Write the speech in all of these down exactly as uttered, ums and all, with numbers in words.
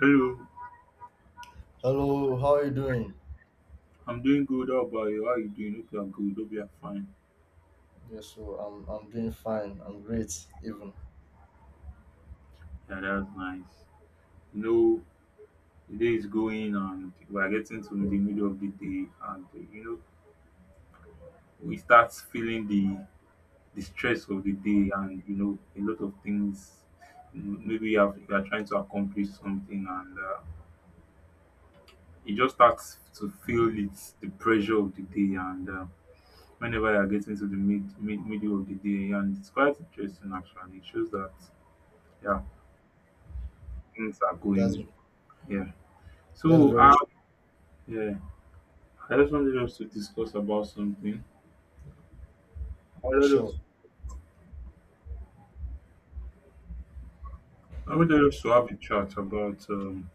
Hello, Hello, how are you doing? I'm doing good. How about you? How you doing? Hope you are good. Hope you are fine. Yes, so I'm I'm doing fine. I'm great, even. Yeah, that's nice. You know, the day is going and we are getting to the middle of the day, and uh, you know, we start feeling the the stress of the day, and you know, a lot of things. m- Maybe you have- you are trying to accomplish something, and uh, you just start to feel it's the pressure of the day, and uh, whenever you are getting to the mid, mid middle of the day, and it's quite interesting actually. It shows that yeah things are That's going. Yeah. that's So, very uh, tr- yeah, I just wanted us to discuss about something. I wanted us, true. I wanted us to have a chat about, um,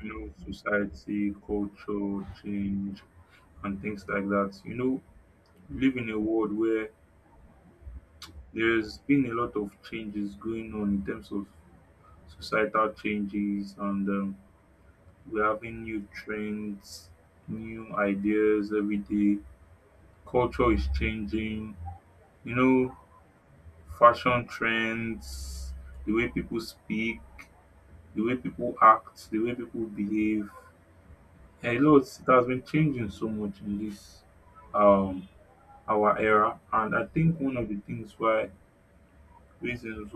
you know, society, culture, change, and things like that. You know, we live in a world where there's been a lot of changes going on in terms of societal changes, and um, we're having new trends, new ideas every day. Culture is changing. You know, fashion trends, the way people speak, the way people act, the way people behave. A lot it has been changing so much in this um our era, and I think one of the things why reasons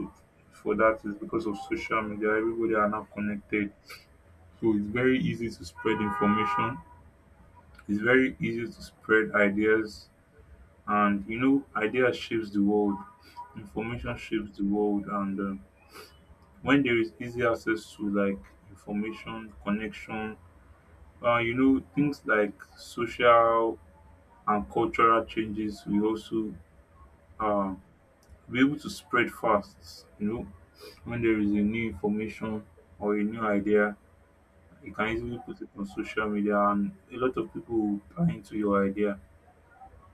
for that is because of social media. Everybody are now connected, so it's very easy to spread information. It's very easy to spread ideas, and you know, ideas shapes the world. Information shapes the world, and um, when there is easy access to like information connection uh, you know things like social and cultural changes will also uh, be able to spread fast you know when there is a new information or a new idea you can easily put it on social media and a lot of people will buy into your idea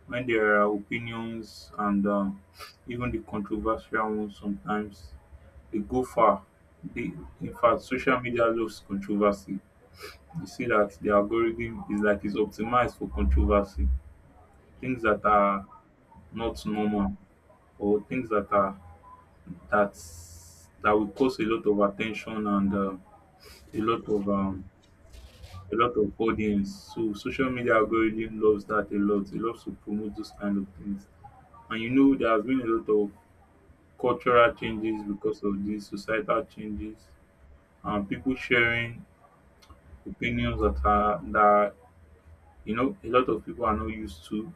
when there are opinions and um, even the controversial ones sometimes they go far they, in fact social media loves controversy. You see that the algorithm is like it's optimized for controversy, things that are not normal or things that are that that will cause a lot of attention and uh, a lot of um, a lot of audience. So social media algorithm loves that a lot. It loves to promote those kind of things. And you know there has been a lot of cultural changes because of these societal changes and people sharing opinions that are that you know a lot of people are not used to,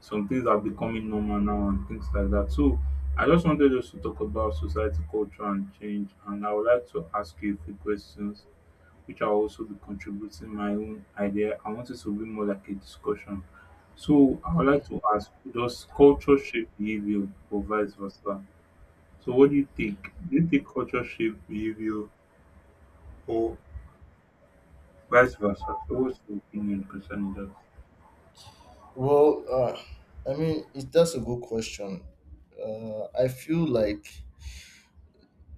some things are becoming normal now and things like that. So I just wanted us to talk about society, culture, and change. And I would like to ask you a few questions, which I'll also be contributing my own idea. I want it to be more like a discussion. So I would like to ask, does culture shape behavior or vice versa? So what do you think? Do you think culture shape behavior or vice versa? So what's your opinion concerning that? Well, uh, I mean, it, that's a good question. Uh, I feel like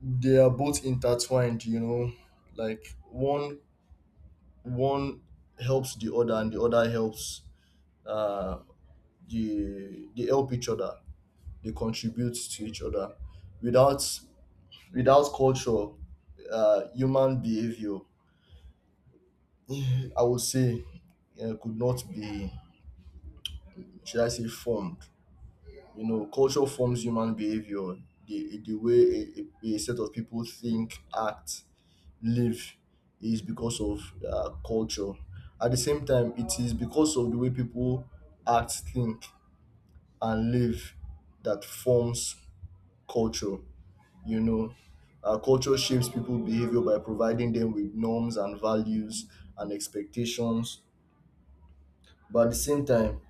they are both intertwined. You know, like one one helps the other, and the other helps. Uh, the they help each other. They contribute to each other. Without without culture, uh, human behavior I would say uh, could not be, should I say, formed. You know, culture forms human behavior, the, the way a, a a set of people think, act, live is because of uh, culture. At the same time, it is because of the way people act, think, and live that forms culture. You know, uh, Culture shapes people's behavior by providing them with norms and values and expectations. But at the same time,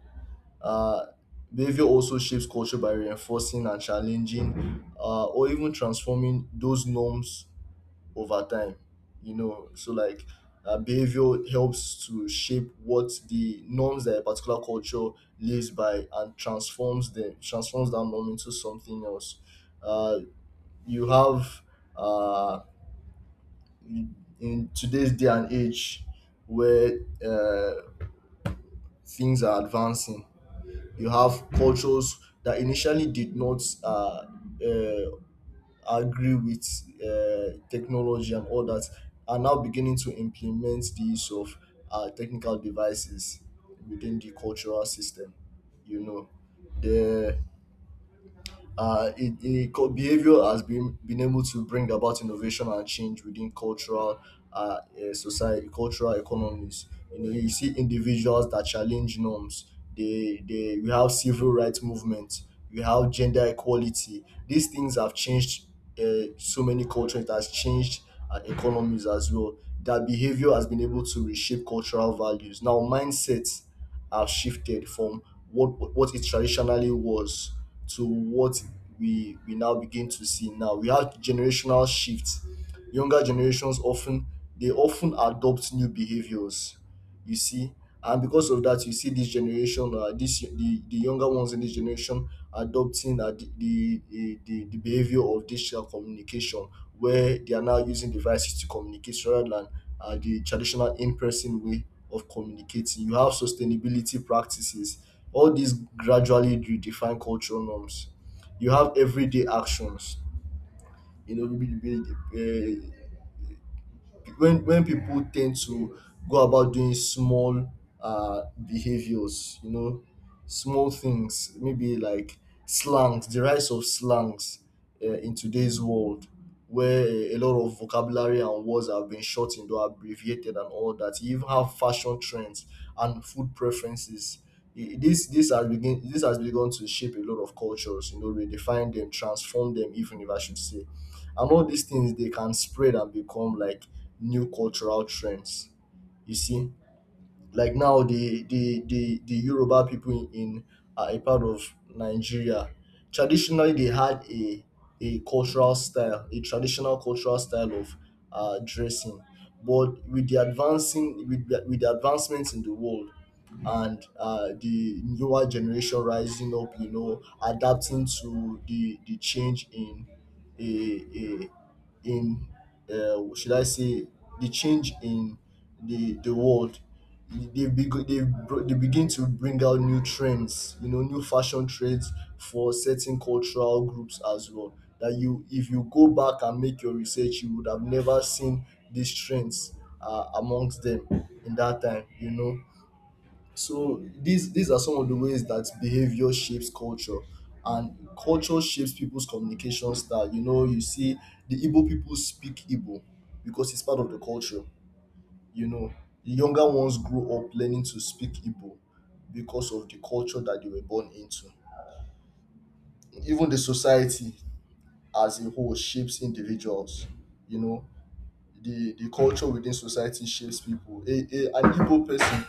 Uh, behavior also shapes culture by reinforcing and challenging uh, or even transforming those norms over time. You know, so like uh, Behavior helps to shape what the norms that a particular culture lives by and transforms them, transforms that norm into something else. Uh, you have uh, in in today's day and age where uh, things are advancing. You have cultures that initially did not uh, uh, agree with uh, technology and all that are now beginning to implement the use of uh, technical devices within the cultural system. You know, the uh, it, it, co- behavior has been been able to bring about innovation and change within cultural uh, eh, society, cultural economies. You know, you see individuals that challenge norms. They they we have civil rights movements, we have gender equality. These things have changed uh, so many cultures. It has changed uh, economies as well. That behavior has been able to reshape cultural values. Now mindsets have shifted from what what it traditionally was to what we we now begin to see now. We have generational shifts. Younger generations often they often adopt new behaviors. You see, and because of that, you see this generation, uh, this the, the younger ones in this generation adopting uh, the, the the the the behavior of digital communication, where they are now using devices to communicate rather than uh, the traditional in-person way of communicating. You have sustainability practices. All these gradually redefine cultural norms. You have everyday actions. You know, maybe, maybe, uh, when when people tend to go about doing small uh behaviors, you know, small things, maybe like slangs, the rise of slangs uh, in today's world, where a lot of vocabulary and words have been shortened or abbreviated and all that. You even have fashion trends and food preferences. I- this this has begin this has begun to shape a lot of cultures, you know, redefine them, transform them, even if I should say. And all these things, they can spread and become like new cultural trends. You see, like now the the the, the Yoruba people in uh, a part of Nigeria, traditionally they had a a cultural style, a traditional cultural style of uh, dressing. But with the advancing, with the, with the advancements in the world, and uh, the newer generation rising up, you know, adapting to the the change in a, in uh, should I say, the change in the the world. They, beg- they, br- they begin to bring out new trends, you know, new fashion trends for certain cultural groups as well. That you, if you go back and make your research, you would have never seen these trends uh, amongst them in that time, you know. So these these are some of the ways that behavior shapes culture, and culture shapes people's communication style. You know, you see the Igbo people speak Igbo because it's part of the culture. You know, the younger ones grow up learning to speak Igbo because of the culture that they were born into. Even the society as a whole shapes individuals. You know, the the culture within society shapes people. A, a, an Igbo person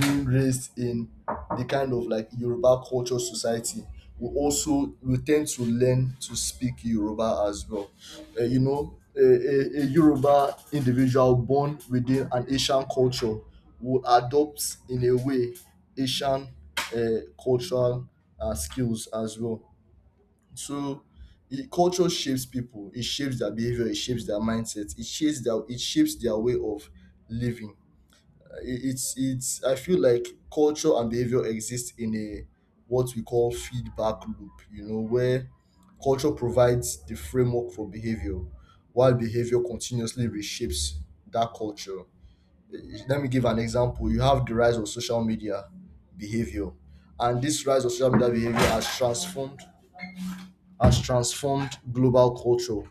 being raised in the kind of like Yoruba culture society will also will tend to learn to speak Yoruba as well. Uh, you know, a, a, a Yoruba individual born within an Asian culture will adopt, in a way, Asian uh, cultural uh, skills as well. So it, culture shapes people. It shapes their behavior. It shapes their mindset. It shapes their it shapes their way of living. Uh, it- it's it's. I feel like culture and behavior exist in a what we call feedback loop. You know, where culture provides the framework for behavior, while behavior continuously reshapes that culture. Uh, Let me give an example. You have the rise of social media behavior, and this rise of social media behavior has transformed has transformed global culture,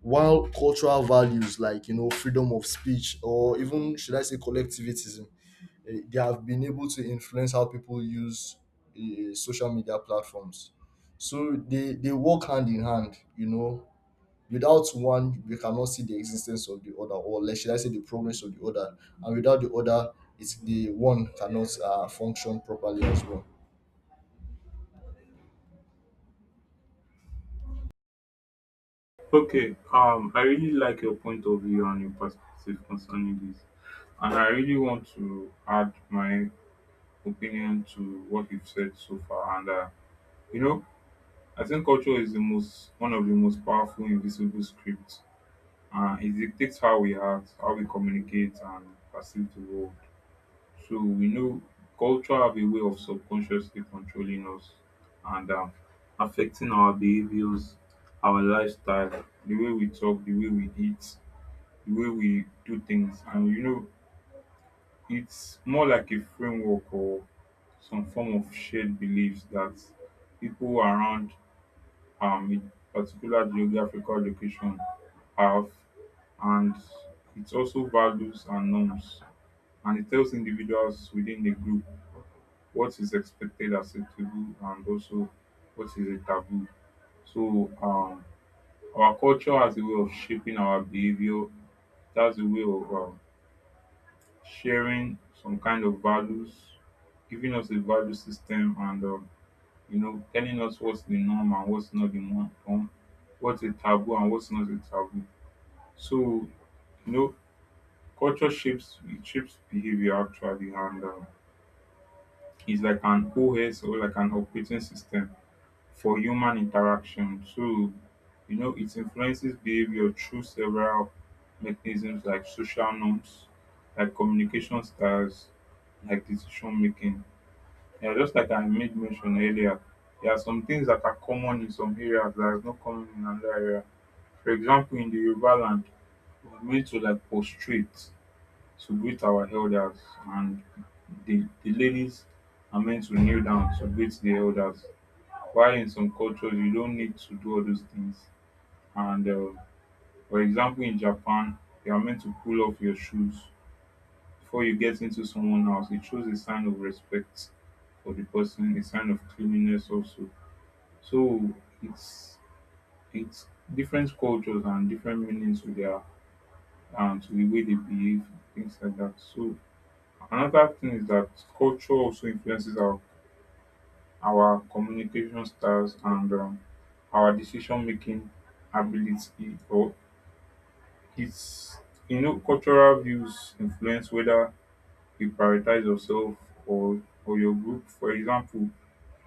while cultural values, like you know, freedom of speech or even, should I say, collectivism, eh, they have been able to influence how people use eh, social media platforms. So they they work hand in hand, you know. Without one we cannot see the existence of the other, or, let, should I say, the progress of the other. And without the other, it's the one cannot uh, function properly as well. Okay, um, I really like your point of view and your perspective concerning this. And I really want to add my opinion to what you've said so far. And uh, you know, I think culture is the most one of the most powerful invisible scripts. Uh, it dictates how we act, how we communicate, and perceive the world. So we know culture have a way of subconsciously controlling us and um, affecting our behaviors, our lifestyle, the way we talk, the way we eat, the way we do things. And you know, it's more like a framework or some form of shared beliefs that people around um, a particular geographical location have, and it also values and norms. And it tells individuals within the group what is expected, acceptable, and also what is a taboo. So, um, our culture has a way of shaping our behavior. That's a way of um, sharing some kind of values, giving us a value system, and um, you know, telling us what's the norm and what's not the norm, norm, what's a taboo and what's not a taboo. So you know, culture shapes it shapes behavior actually, and um, it's like an O S or like an operating system for human interaction. So you know, it influences behavior through several mechanisms like social norms, like communication styles, like decision making. Yeah, just like I made mention earlier, there are some things that are common in some areas that is not common in another area. For example, in the Yoruba land, we're made to like prostrate to greet our elders, and the, the ladies are meant to kneel down to greet the elders. While in some cultures, you don't need to do all those things. And uh, for example, in Japan, you are meant to pull off your shoes before you get into someone else. It shows a sign of respect for the person, a sign of cleanliness also. So it's it's different cultures and different meanings to their and to the way they behave, things like that. So another thing is that culture also influences our our communication styles and um, our decision making ability or it's you know cultural views influence whether you prioritize yourself or or your group. For example,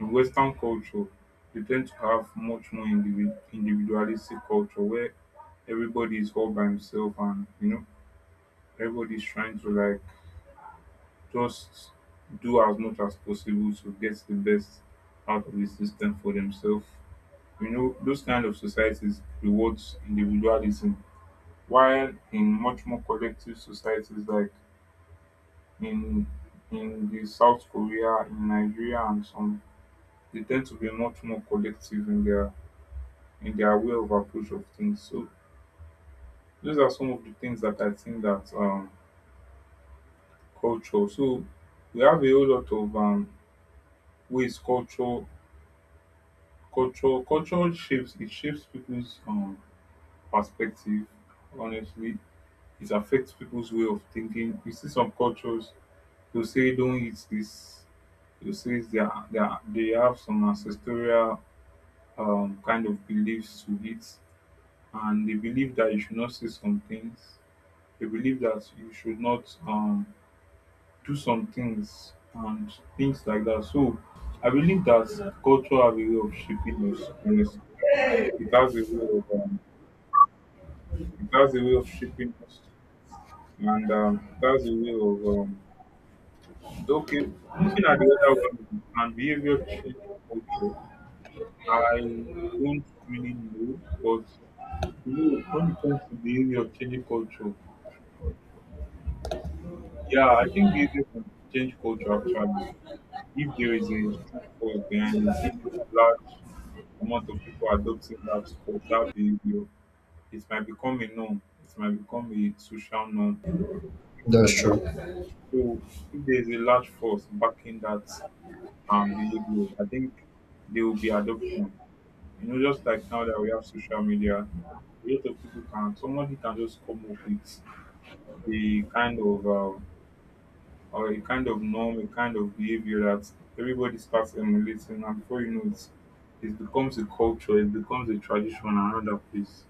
in Western culture, they tend to have much more individ, individualistic culture where everybody is all by himself and you know everybody's trying to like just do as much as possible to get the best out of the system for themselves. You know, those kind of societies rewards individualism, while in much more collective societies like in in the South Korea, in Nigeria and some, they tend to be much more collective in their in their way of approach of things. So those are some of the things that I think that um culture. So we have a whole lot of um ways culture culture culture shapes it shapes people's um perspective honestly. It affects people's way of thinking. You see some cultures they'll say don't eat this, you see, they are, they, are, they have some ancestral um, kind of beliefs to it, and they believe that you should not say some things. They believe that you should not um, do some things and things like that. So I believe that culture have a way of shaping us. Honestly, it has a way of um, it has a way of shaping us, and um, it has a way of um, okay. Looking at the other one and behavior change culture, I don't really know, but you know, when it comes to behavior changing culture, yeah, I think music can change culture actually if there is a strong force behind it. If a large amount of people adopting that cul- that behavior, it might become a norm. It might become a social norm. It's That's like that. true. So if there is a large force backing that um behavior, I think there will be adoption. You know, just like now that we have social media, a lot of people can somebody can just come up with a kind of um, or a kind of norm, a kind of behavior that everybody starts emulating, and before you know it, it becomes a culture, it becomes a tradition in another place.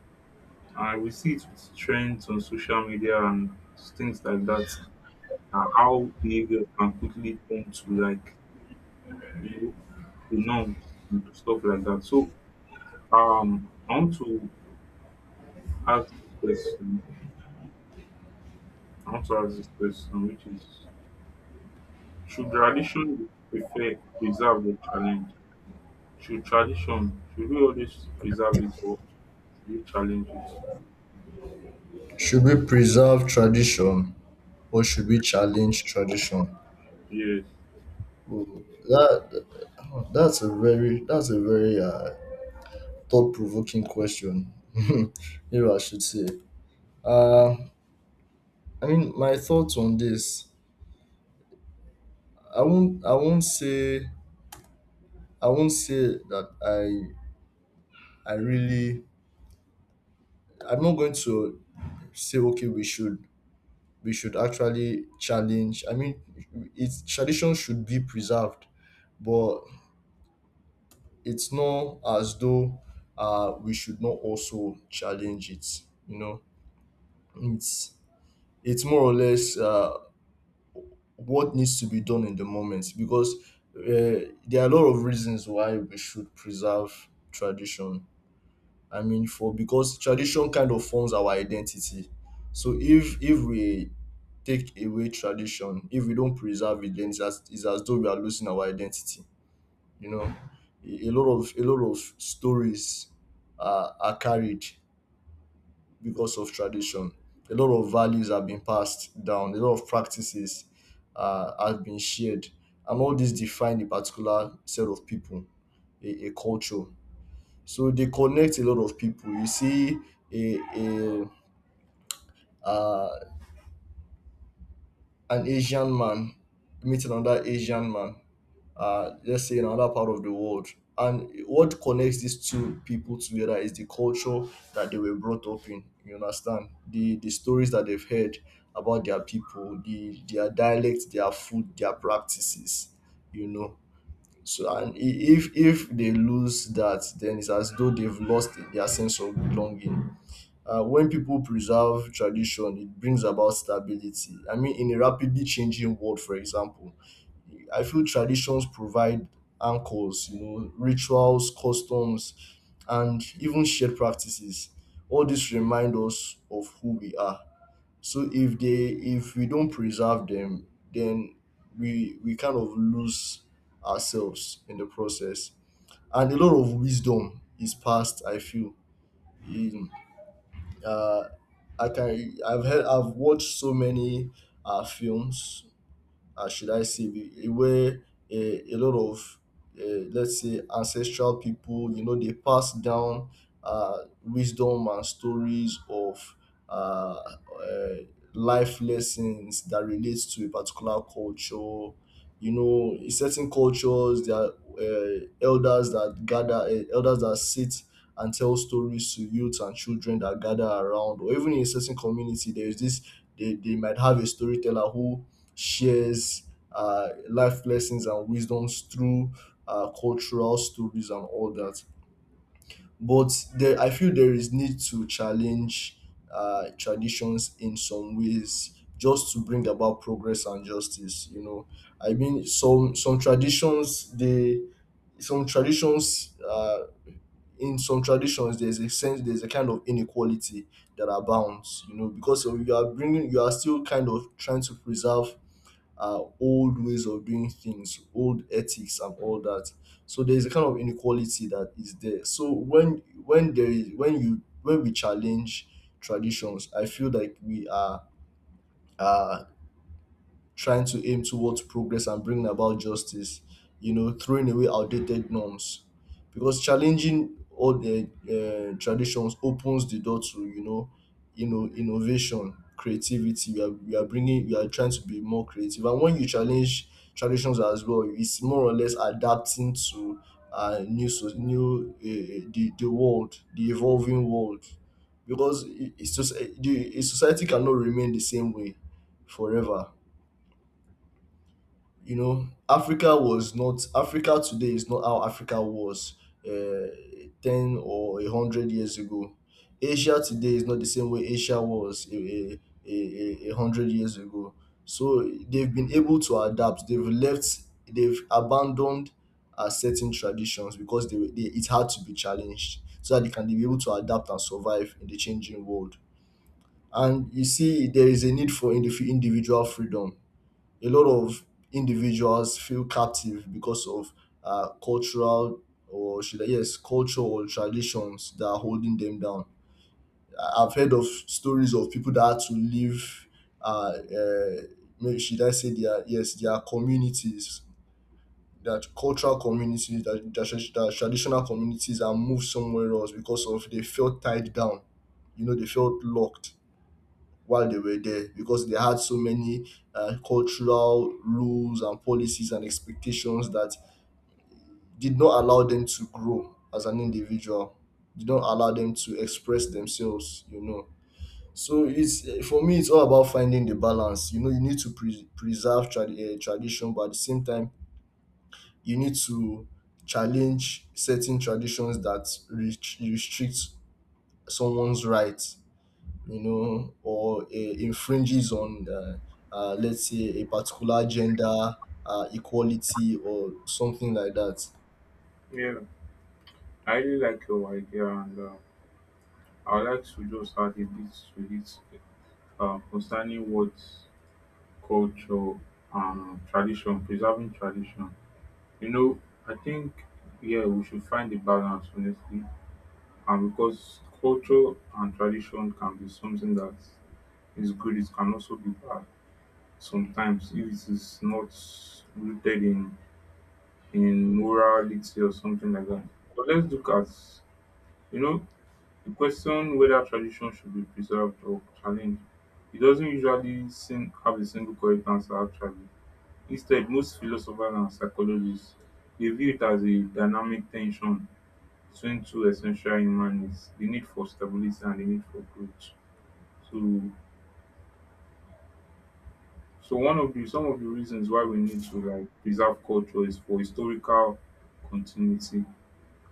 And we see it with trends on social media and things like that, and how behavior can quickly turn to like you know the norms and stuff like that. So um, I want to ask this question. I want to ask this question, which is: should tradition be prefer preserved or challenged? Should tradition should we always preserve it or should we challenge it? Should we preserve tradition or should we challenge tradition? Yes. Ooh, That that's a very that's a very uh, thought provoking question. If I should say. Uh, I mean, my thoughts on this. I won't I won't say I won't say that I I really I'm not going to say, okay, we should we should actually challenge. I mean, it's tradition should be preserved, but it's not as though uh, we should not also challenge it. You know, it's it's more or less uh, what needs to be done in the moment, because uh, there are a lot of reasons why we should preserve tradition. I mean, for because tradition kind of forms our identity. So if if we take away tradition, if we don't preserve it, then it's as, it's as though we are losing our identity. You know, a a lot of a lot of stories are, are carried because of tradition. A lot of values have been passed down. A lot of practices uh, have been shared, and all this define a particular set of people, a, a culture. So they connect a lot of people. You see, a, a uh, an Asian man meet another Asian man, uh, let's say, in another part of the world. And what connects these two people together is the culture that they were brought up in. You understand the the stories that they've heard about their people, the their dialect, their food, their practices. You know, so and i- if if they lose that, then it's as though they've lost their sense of belonging. Uh, when people preserve tradition, it brings about stability. I mean, in a rapidly changing world, for example, I feel traditions provide anchors, you know, rituals, customs, and even shared practices. All this remind us of who we are. So if they, if we don't preserve them, then we we kind of lose ourselves in the process. And a lot of wisdom is passed, I feel. In, uh, I can I've heard, I've watched so many uh, films, uh, should I say, the- where a, a lot of, uh, let's say, ancestral people, you know, they pass down uh, wisdom and stories of uh, uh, life lessons that relates to a particular culture. You know, in certain cultures, there are uh, elders that gather, uh, elders that sit and tell stories to youth and children that gather around, or even in a certain community, there is this. They, they might have a storyteller who shares uh, life lessons and wisdoms through uh, cultural stories and all that. But there, I feel there is need to challenge uh, traditions in some ways, just to bring about progress and justice. You know, I mean, some some traditions they some traditions uh, in some traditions there's a sense there's a kind of inequality that abounds. You know, because of you are bringing, you are still kind of trying to preserve uh, old ways of doing things, old ethics, and all that. So there is a kind of inequality that is there. So when when there is when you when we challenge traditions, I feel like we are uh, trying to aim towards progress and bringing about justice, you know, throwing away outdated norms. Because challenging all the uh, traditions opens the door to, you know, you know, innovation, creativity. We are we are bringing we are trying to be more creative. And when you challenge traditions as well, it's more or less adapting to uh, new so- new, uh, the the world, the evolving world. Because it- it's just eh, the a society cannot remain the same way forever. You know, Africa was not, Africa today is not how Africa was uh, ten or one hundred years ago. Asia today is not the same way Asia was a, a, a, a a hundred years ago. So they've been able to adapt. They've left, they've abandoned uh, certain traditions because they, were- they it had to be challenged so that they can be able to adapt and survive in the changing world. And you see there is a need for indiv- individual freedom. A lot of individuals feel captive because of uh, cultural, or should I, yes, culture or traditions that are holding them down. I- I've heard of stories of people that had to leave, uh, uh, maybe should I say their, yes, their communities, their cultural communities, their, their, tradi- their traditional communities, and move somewhere else because of they felt tied down. You know, they felt locked while they were there because they had so many uh, cultural rules and policies and expectations that did not allow them to grow as an individual, did not allow them to express themselves, you know. So it's eh, for me, it's all about finding the balance. You know, you need to pre- preserve trad uh, tradition, but at the same time you need to challenge certain traditions that re- restrict someone's rights, you know, or it infringes on, uh, uh, let's say, a particular gender uh, equality or something like that. Yeah. I really like your idea and uh, I would like to just add a bit to it uh, concerning what culture and tradition, preserving tradition. You know, I think yeah we should find a balance honestly. And because culture and tradition can be something that is good, it can also be bad sometimes if it is not rooted in in moral literacy or something like that. But let's look at, you know, the question whether tradition should be preserved or challenged. It doesn't usually seem, have a single correct answer actually. Instead, most philosophers and psychologists they view it as a dynamic tension between two essential human needs: the need for stability and the need for growth. So, so one of the some of the reasons why we need to like preserve culture is for historical continuity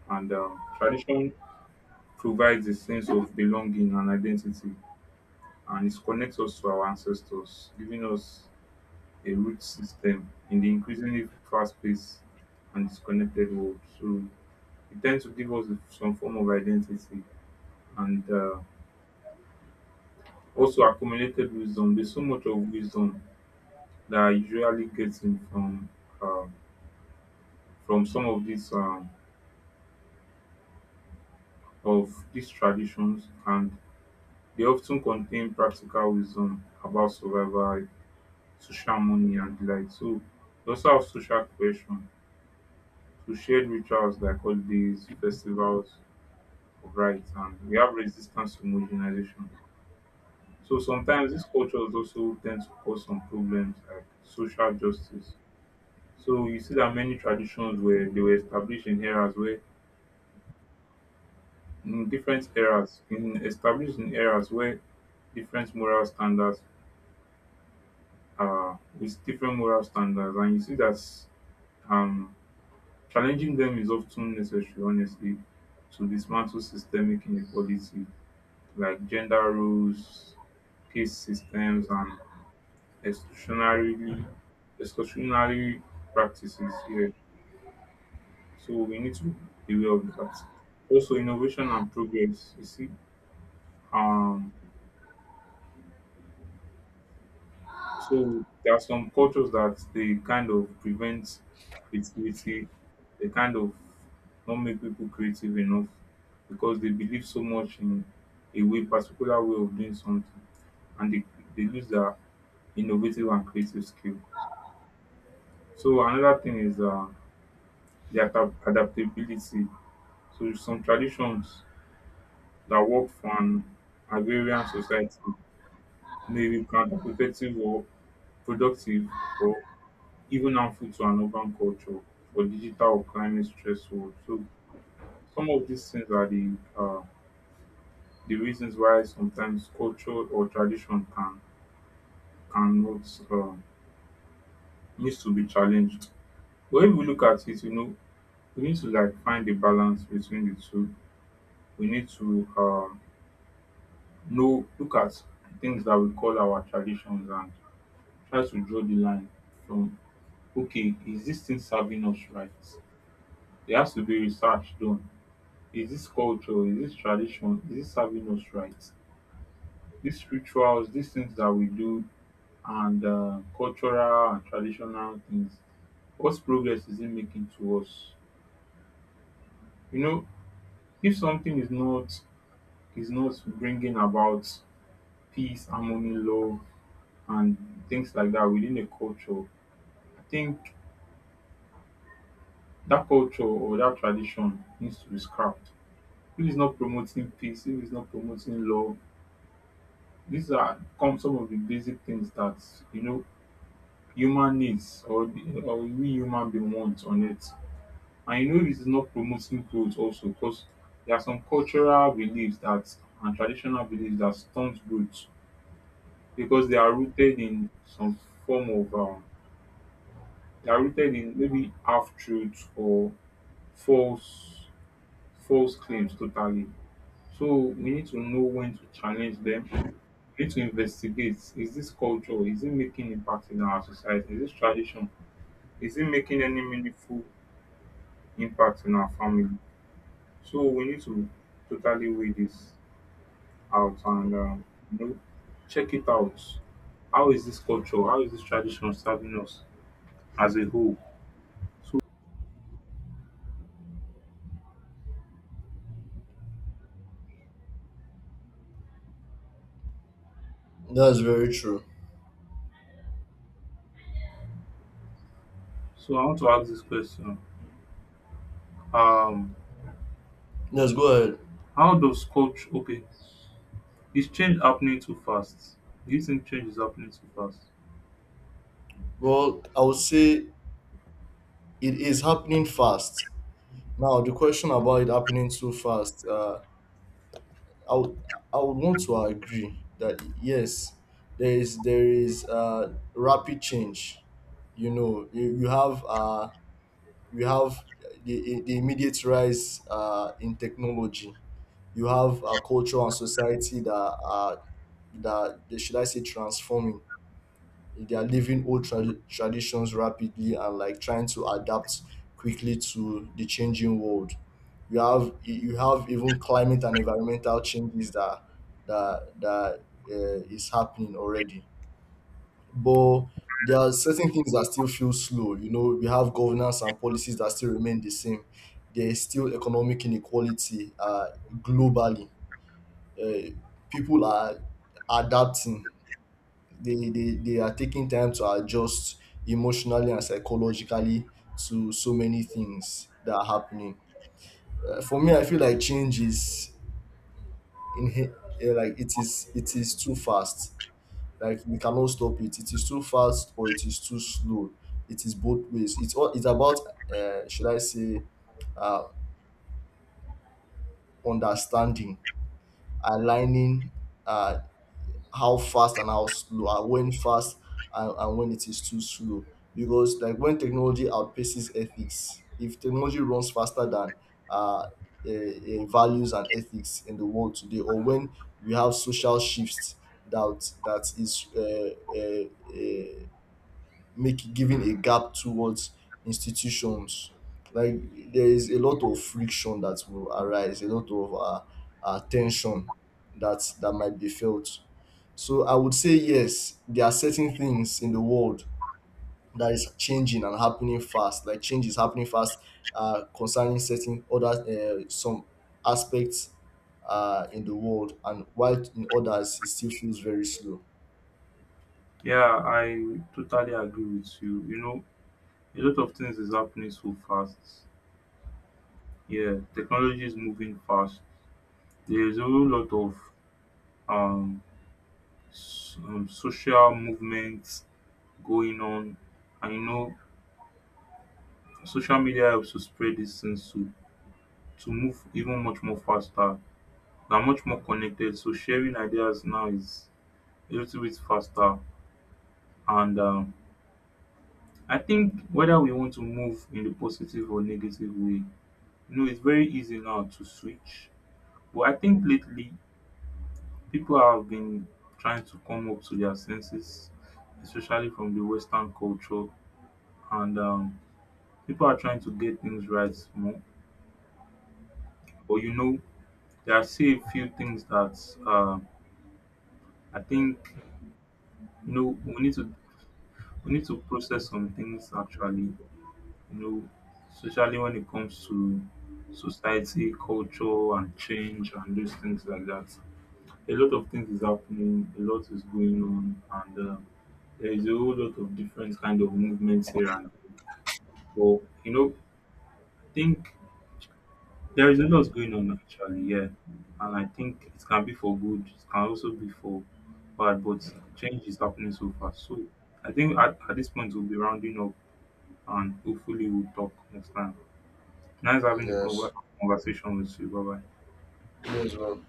and um, tradition provides a sense of belonging and identity, and it connects us to our ancestors, giving us a root system in the increasingly fast paced and disconnected world. So it tends to give us some form of identity and uh, also accumulated wisdom. There's so much of wisdom that I usually getting from uh, from some of these um, of these traditions, and they often contain practical wisdom about survival, social money and the like. So we also have social cohesion, so shared rituals like holidays, festivals of rites, and we have resistance to homogenization. So sometimes these cultures also tend to cause some problems like social justice. So you see that many traditions were they were established in eras where in different eras in established in eras where different moral standards are with different moral standards, and you see that um challenging them is often necessary, honestly, to dismantle systemic inequality like gender roles, caste systems, and exclusionary, exclusionary practices here. So we need to be aware of that. Also, innovation and progress. You see, um, so there are some cultures that they kind of prevent creativity, they kind of don't make people creative enough because they believe so much in a way, particular way of doing something, and they, they lose their innovative and creative skill. So another thing is uh, the adap- adaptability. So some traditions that work for an agrarian society may be counterproductive or productive, even harmful to an urban culture for digital or climate stressful. So some of these things are the uh, the reasons why sometimes culture or tradition can cannot uh, needs to be challenged. But if we look at it, you know, we need to like find the balance between the two. We need to uh, know look at things that we call our traditions and try to draw the line from, okay, is this thing serving us right? There has to be research done. Is this culture? Is this tradition? Is this serving us right? These rituals, these things that we do, and uh, cultural and traditional things. What progress is it making to us? You know, if something is not, is not bringing about peace, harmony, love, and things like that within a culture, I think that culture or that tradition needs to be scrapped. If it's not promoting peace, if it's not promoting love, these are come some of the basic things that you know human needs or, the, or we human being want on it. And you know, this is not promoting growth also, because there are some cultural beliefs that and traditional beliefs that stunt growth because they are rooted in some form of um, they are rooted in maybe half truth or false false claims totally. So we need to know when to challenge them. We need to investigate: is this culture? Is it making impact in our society? Is this tradition? Is it making any meaningful impact in our family. So we need to totally weigh this out and um, you know, check it out. How is this culture? How is this tradition serving us as a whole? So That's very true. so I want to ask this question. Um, Yes, go ahead. how does culture? Okay, is change happening too fast? Do you think change is happening too fast? Well, I would say it is happening fast. Now, the question about it happening too fast, uh, I would I would want to agree that yes, there is there is uh, rapid change. You know, you, you have uh, you have the, the immediate rise uh, in technology. You have a culture and society that are, that they- should I say transforming. They are leaving old tra- traditions rapidly and like trying to adapt quickly to the changing world. You have you have even climate and environmental changes that that that uh, is happening already, but there are certain things that still feel slow. You know, we have governance and policies that still remain the same. There is still economic inequality uh, globally. Uh, people are adapting. They, they, they are taking time to adjust emotionally and psychologically to so many things that are happening. Uh, for me, I feel like change is in, uh, like it is it is too fast, like we cannot stop it. It is too fast or it is too slow, it is both ways. It's all it's about uh, should I say, uh, understanding, aligning, uh, how fast and how slow, and when fast and, and when it is too slow. Because like when technology outpaces ethics, if technology runs faster than uh, eh, eh, values and ethics in the world today, or when we have social shifts that that is uh, uh, make giving a gap towards institutions, like there is a lot of friction that will arise, a lot of uh, uh, tension that that might be felt. So I would say yes, there are certain things in the world that is changing and happening fast, like change is happening fast uh, concerning certain other uh, some aspects uh, in the world, and while in others it still feels very slow. Yeah, I totally agree with you. You know, a lot of things is happening so fast. Yeah, technology is moving fast. There is a whole lot of um s- um, social movements going on. And you know, social media helps to spread these things to, to move even much more faster. They are much more connected. So sharing ideas now is a little bit faster. And um, I think whether we want to move in the positive or negative way, you know, it's very easy now to switch. But I think lately people have been trying to come up to their senses, especially from the Western culture. And um, people are trying to get things right more. But you know, there are still a few things that uh, I think you know we need to we need to process some things actually. You know, especially when it comes to society, culture, and change, and those things like that. A lot of things is happening. A lot is going on, and uh, there is a whole lot of different kind of movements here and. There. But you know, I think there is a lot going on actually, yeah. And I think it can be for good, it can also be for bad, but change is happening so fast. So I think at, at this point we'll be rounding up and hopefully we'll talk next time. Nice having a Yes, conver- conversation with you. Bye bye. me as well.